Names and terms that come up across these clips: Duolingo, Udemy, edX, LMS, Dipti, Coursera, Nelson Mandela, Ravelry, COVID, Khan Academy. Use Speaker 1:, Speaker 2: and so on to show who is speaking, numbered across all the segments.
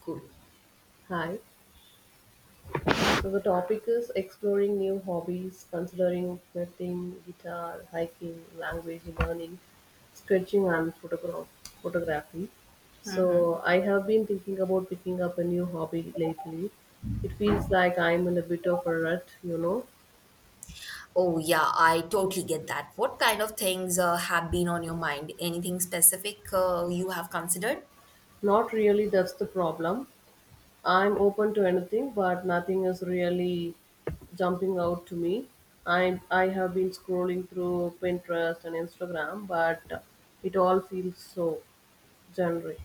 Speaker 1: Cool.
Speaker 2: Hi. So the topic is exploring new hobbies, considering painting, guitar, hiking, language learning, sketching, and photography.
Speaker 1: Hmm.
Speaker 2: So I have been thinking about picking up a new hobby lately. It feels like I'm in a bit of a rut, you know.
Speaker 1: Oh, yeah, I totally get that. What kind of things have been on your mind? Anything specific you have considered?
Speaker 2: Not really. That's the problem. I'm open to anything, but nothing is really jumping out to me. I have been scrolling through Pinterest and Instagram, but it all feels so generic.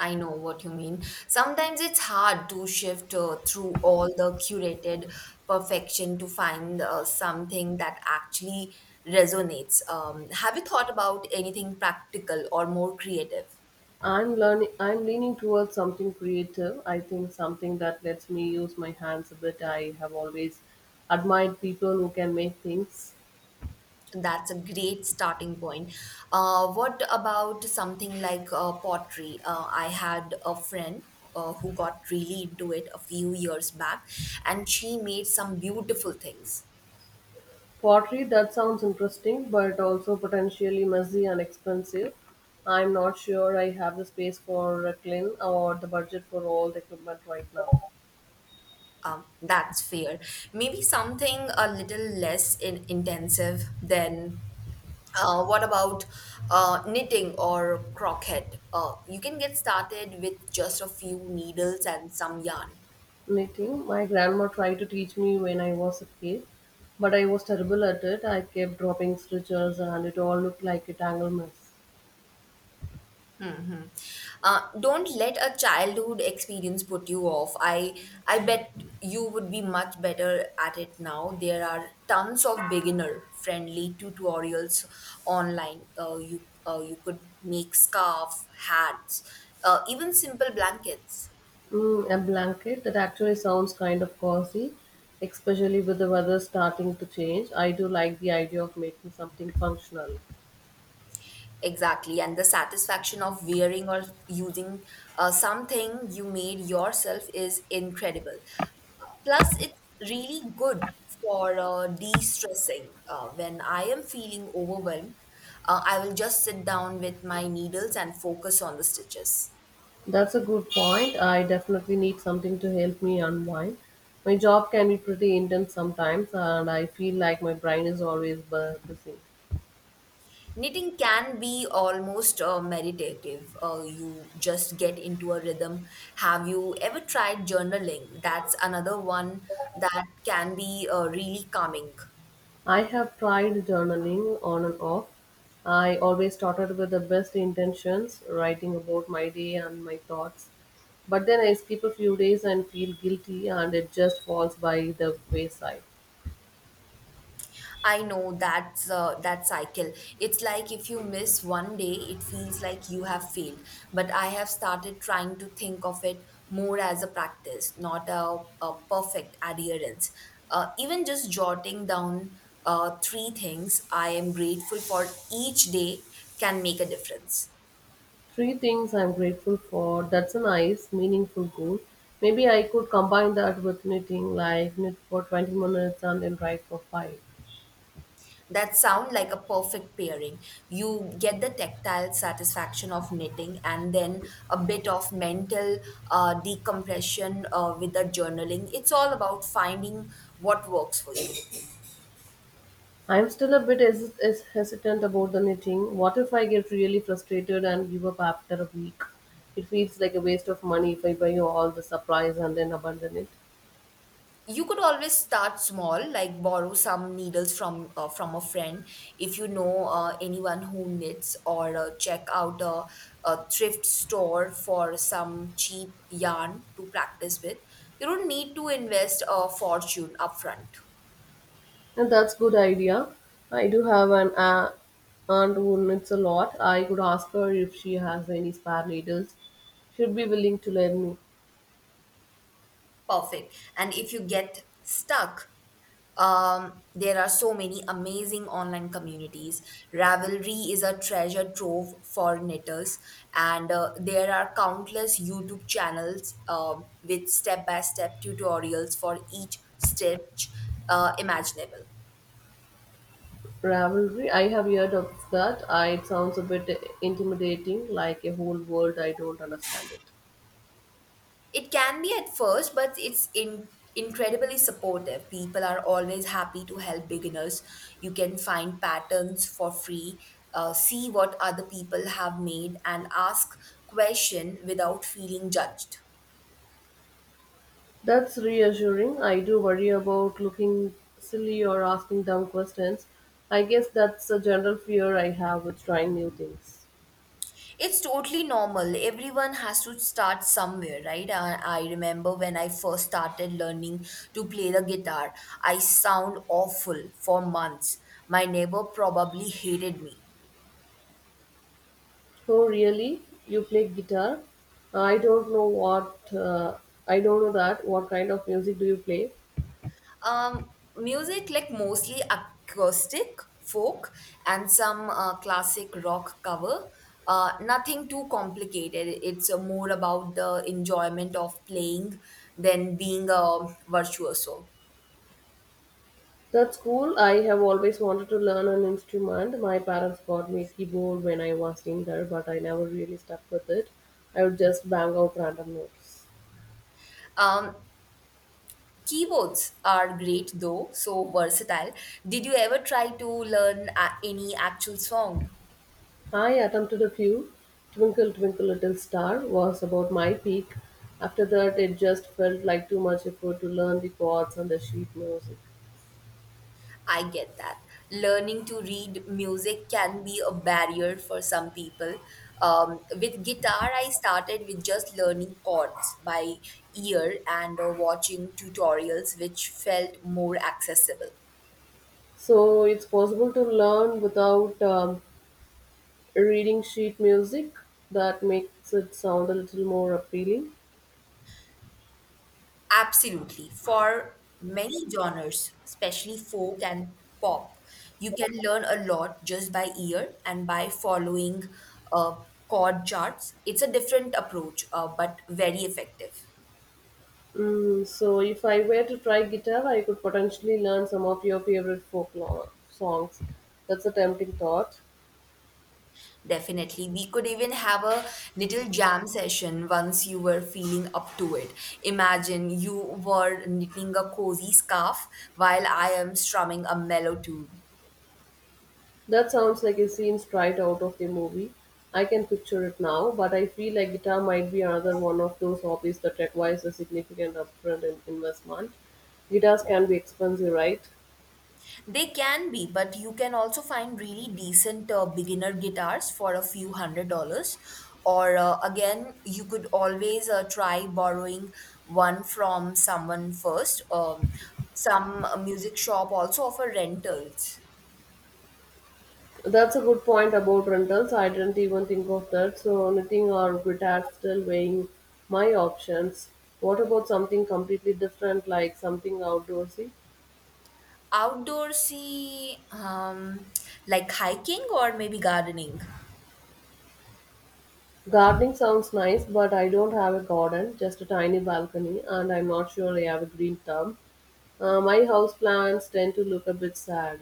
Speaker 1: I know what you mean. Sometimes it's hard to shift through all the curated perfection to find something that actually resonates. Have you thought about anything practical or more creative?
Speaker 2: I'm learning. I'm leaning towards something creative. I think something that lets me use my hands a bit. I have always admired people who can make things.
Speaker 1: That's a great starting point. What about something like pottery? I had a friend who got really into it a few years back, and she made some beautiful things.
Speaker 2: Pottery, that sounds interesting, but also potentially messy and expensive. I'm not sure I have the space for reclaim or the budget for all the equipment right now.
Speaker 1: That's fair. Maybe something a little less intensive than. What about knitting or crochet? You can get started with just a few needles and some yarn.
Speaker 2: Knitting, my grandma tried to teach me when I was a kid, but I was terrible at it. I kept dropping stitches and it all looked like a tangled mess.
Speaker 1: Hmm. Don't let a childhood experience put you off. I bet you would be much better at it now. There are tons of beginner-friendly tutorials online. You could make scarf, hats, even simple blankets.
Speaker 2: Mm, a blanket that actually sounds kind of cozy, especially with the weather starting to change. I do like the idea of making something functional.
Speaker 1: Exactly, and the satisfaction of wearing or using something you made yourself is incredible. Plus, it's really good for de stressing. When I am feeling overwhelmed, I will just sit down with my needles and focus on the stitches.
Speaker 2: That's a good point. I definitely need something to help me unwind. My job can be pretty intense sometimes, and I feel like my brain is always busy.
Speaker 1: Knitting can be almost meditative. You just get into a rhythm. Have you ever tried journaling? That's another one that can be really calming.
Speaker 2: I have tried journaling on and off. I always started with the best intentions, writing about my day and my thoughts. But then I skip a few days and feel guilty, and it just falls by the wayside.
Speaker 1: I know that cycle. It's like if you miss one day, it feels like you have failed. But I have started trying to think of it more as a practice, not a perfect adherence. Even just jotting down three things I am grateful for each day can make a difference.
Speaker 2: Three things I'm grateful for. That's a nice, meaningful goal. Maybe I could combine that with knitting, like knit for 20 minutes and then write for 5.
Speaker 1: That sound like a perfect pairing. You get the tactile satisfaction of knitting and then a bit of mental decompression with the journaling. It's all about finding what works for you.
Speaker 2: I'm still a bit hesitant about the knitting. What if I get really frustrated and give up after a week? It feels like a waste of money if I buy all the supplies and then abandon it.
Speaker 1: You could always start small, like borrow some needles from a friend if you know anyone who knits, or check out a thrift store for some cheap yarn to practice with. You don't need to invest a fortune upfront.
Speaker 2: And that's good idea. I do have an aunt who knits a lot. I could ask her if she has any spare needles. She'd be willing to lend me.
Speaker 1: Perfect. And if you get stuck, there are so many amazing online communities. Ravelry is a treasure trove for knitters, and there are countless YouTube channels with step by step tutorials for each stitch imaginable.
Speaker 2: Ravelry, I have heard of that. I, it sounds a bit intimidating, like a whole world. I don't understand it.
Speaker 1: It can be at first, but it's incredibly supportive. People are always happy to help beginners. You can find patterns for free, see what other people have made, and ask question without feeling judged.
Speaker 2: That's reassuring. I do worry about looking silly or asking dumb questions. I guess that's a general fear I have with trying new things.
Speaker 1: It's totally normal. Everyone has to start somewhere, right? I remember when I first started learning to play the guitar, I sound awful for months. My neighbor probably hated me.
Speaker 2: Oh, really? You play guitar? I don't know what. Uh, I don't know that. What kind of music do you play?
Speaker 1: Um, music like mostly acoustic, folk, and some classic rock cover. Nothing too complicated. It's more about the enjoyment of playing than being a virtuoso.
Speaker 2: That's cool. I have always wanted to learn an instrument. My parents bought me a keyboard when I was younger, but I never really stuck with it. I would just bang out random notes.
Speaker 1: Um, keyboards are great though, so versatile. Did you ever try to learn any actual song?
Speaker 2: I attempted a few. Twinkle, Twinkle, Little Star was about my peak. After that, it just felt like too much effort to learn the chords and the sheet music.
Speaker 1: I get that. Learning to read music can be a barrier for some people. With guitar, I started with just learning chords by ear and watching tutorials, which felt more accessible.
Speaker 2: So it's possible to learn without reading sheet music. That makes it sound a little more appealing.
Speaker 1: Absolutely. For many genres, especially folk and pop, you can learn a lot just by ear and by following uh, chord charts. It's a different approach, but very effective.
Speaker 2: Mm, so if I were to try guitar, I could potentially learn some of your favorite folk songs. That's a tempting thought.
Speaker 1: Definitely. We could even have a little jam session once you were feeling up to it. Imagine you were knitting a cozy scarf while I am strumming a mellow tune.
Speaker 2: That sounds like a scene straight out of the movie. I can picture it now, but I feel like guitar might be another one of those hobbies that requires a significant upfront investment. Guitars can be expensive, right?
Speaker 1: They can be, but you can also find really decent beginner guitars for a few hundred dollars. Or again, you could always try borrowing one from someone first. Some music shop also offer rentals.
Speaker 2: That's a good point about rentals. I didn't even think of that. So, knitting or guitar still weighing my options. What about something completely different, like something outdoorsy?
Speaker 1: Outdoorsy, like hiking or maybe gardening.
Speaker 2: Gardening sounds nice, but I don't have a garden, just a tiny balcony, and I'm not sure I have a green thumb. My house plants tend to look a bit sad.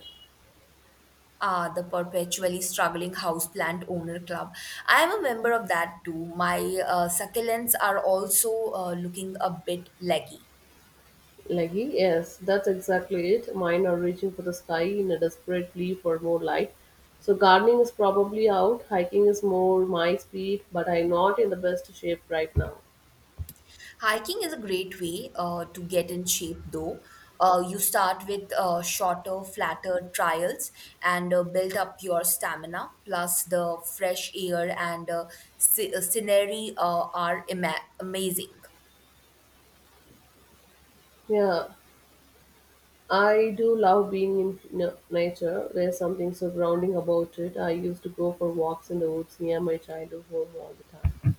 Speaker 1: Ah, the perpetually struggling houseplant owner club. I am a member of that too. My succulents are also looking a bit leggy.
Speaker 2: Leggy? Yes, that's exactly it. Mine are reaching for the sky in a desperate plea for more light. So gardening is probably out. Hiking is more my speed, but I'm not in the best shape right now.
Speaker 1: Hiking is a great way to get in shape, though. You start with shorter, flatter trials and build up your stamina. Plus, the fresh air and scenery are amazing.
Speaker 2: Yeah, I do love being in nature. There's something so grounding about it. I used to go for walks in the woods near my childhood home all the time.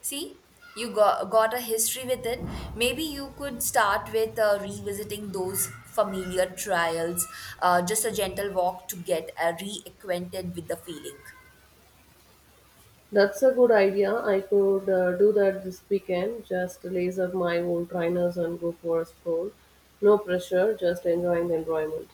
Speaker 1: See, you got a history with it. Maybe you could start with revisiting those familiar trials, just a gentle walk to get reacquainted with the feeling.
Speaker 2: That's a good idea. I could do that this weekend. Just lace up my old trainers and go for a stroll. No pressure, just enjoying the environment.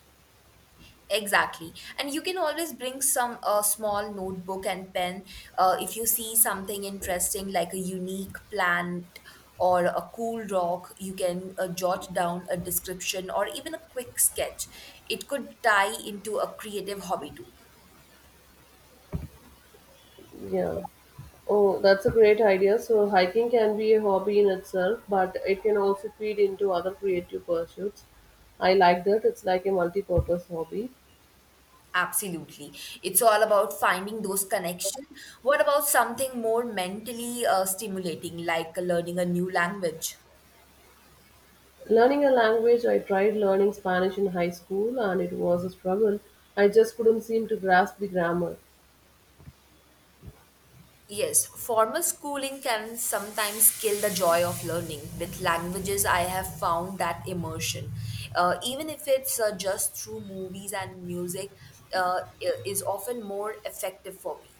Speaker 1: Exactly. And you can always bring some small notebook and pen if you see something interesting like a unique plant or a cool rock, you can jot down a description or even a quick sketch. It could tie into a creative hobby too.
Speaker 2: Yeah. Oh, that's a great idea. So, hiking can be a hobby in itself, but it can also feed into other creative pursuits. I like that. It's like a multi purpose hobby.
Speaker 1: Absolutely. It's all about finding those connections. What about something more mentally stimulating, like learning a new language?
Speaker 2: Learning a language, I tried learning Spanish in high school and it was a struggle. I just couldn't seem to grasp the grammar.
Speaker 1: Yes, formal schooling can sometimes kill the joy of learning. With languages, I have found that immersion, even if it's just through movies and music, is often more effective for me.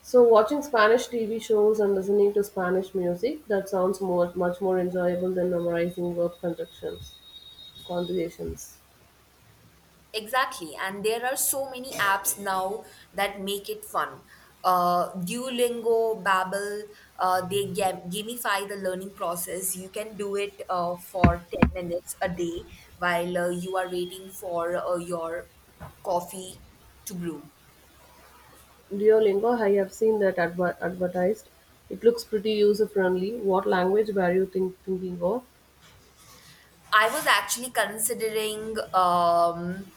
Speaker 2: So, watching Spanish TV shows and listening to Spanish music, that sounds much more enjoyable than memorizing conjugations.
Speaker 1: Exactly, and there are so many apps now that make it fun. Duolingo, Babbel, they gamify the learning process. You can do it for 10 minutes a day while you are waiting for your coffee to brew.
Speaker 2: Duolingo, I have seen that advertised. It looks pretty user friendly. What language were you thinking of?
Speaker 1: I was actually considering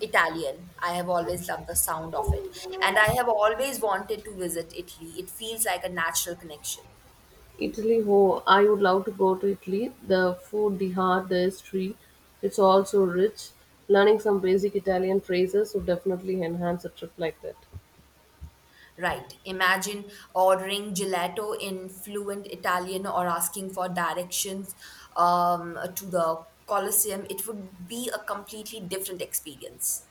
Speaker 1: Italian. I have always loved the sound of it, and I have always wanted to visit Italy. It feels like a natural connection.
Speaker 2: Italy, oh, I would love to go to Italy. The food, the art, the history, it's all so rich. Learning some basic Italian phrases would definitely enhance a trip like that.
Speaker 1: Right. Imagine ordering gelato in fluent Italian or asking for directions to the Colosseum. It would be a completely different experience.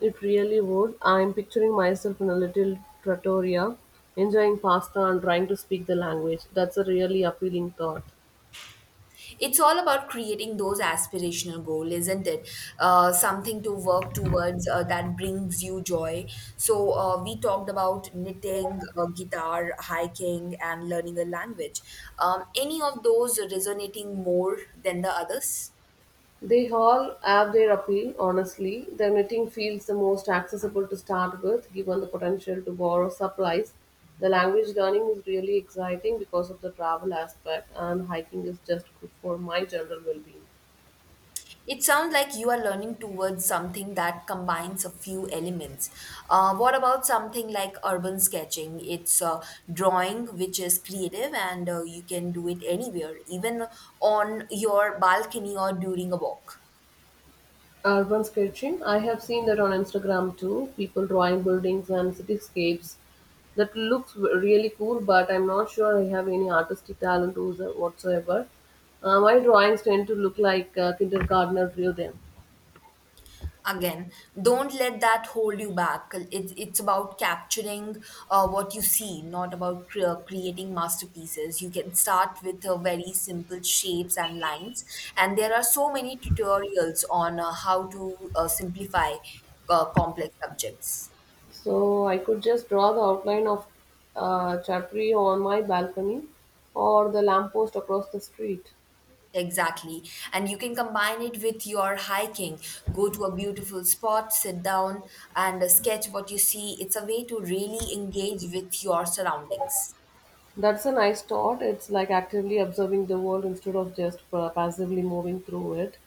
Speaker 2: It really would. I'm picturing myself in a little trattoria, enjoying pasta and trying to speak the language. That's a really appealing thought.
Speaker 1: It's all about creating those aspirational goals, isn't it? Something to work towards that brings you joy. So, we talked about knitting, guitar, hiking, and learning a language. Any of those resonating more than the others?
Speaker 2: They all have their appeal, honestly. The knitting feels the most accessible to start with, given the potential to borrow supplies. The language learning is really exciting because of the travel aspect, and hiking is just good for my general well being.
Speaker 1: It sounds like you are learning towards something that combines a few elements. What about something like urban sketching? It's drawing, which is creative, and you can do it anywhere, even on your balcony or during a walk.
Speaker 2: Urban sketching, I have seen that on Instagram too. People drawing buildings and cityscapes. That looks really cool, but I'm not sure I have any artistic talent whatsoever. My drawings tend to look like kindergartner drew them.
Speaker 1: Again, don't let that hold you back. It's about capturing what you see, not about creating masterpieces. You can start with very simple shapes and lines, and there are so many tutorials on how to simplify complex subjects.
Speaker 2: So I could just draw the outline of a chapri on my balcony or the lamppost across the street.
Speaker 1: Exactly. And you can combine it with your hiking. Go to a beautiful spot, sit down, and sketch what you see. It's a way to really engage with your surroundings.
Speaker 2: That's a nice thought. It's like actively observing the world instead of just passively moving through it.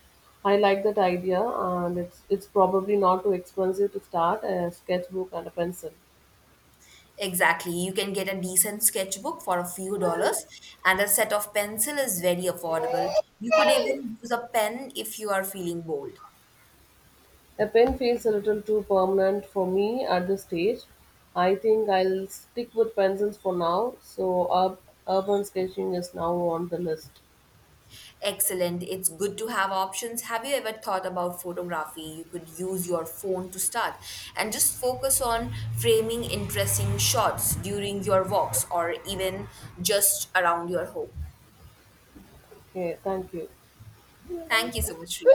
Speaker 2: I like that idea, and it's probably not too expensive to start a sketchbook and a pencil.
Speaker 1: Exactly. You can get a decent sketchbook for a few dollars, and a set of pencil is very affordable. You could even use a pen if you are feeling bold.
Speaker 2: A pen feels a little too permanent for me at this stage. I think I'll stick with pencils for now, so urban sketching is now on the list.
Speaker 1: Excellent. It's good to have options. Have you ever thought about photography? You could use your phone to start and just focus on framing interesting shots during your walks or even just around your home.
Speaker 2: Okay, thank you.
Speaker 1: Thank you so much, Riya.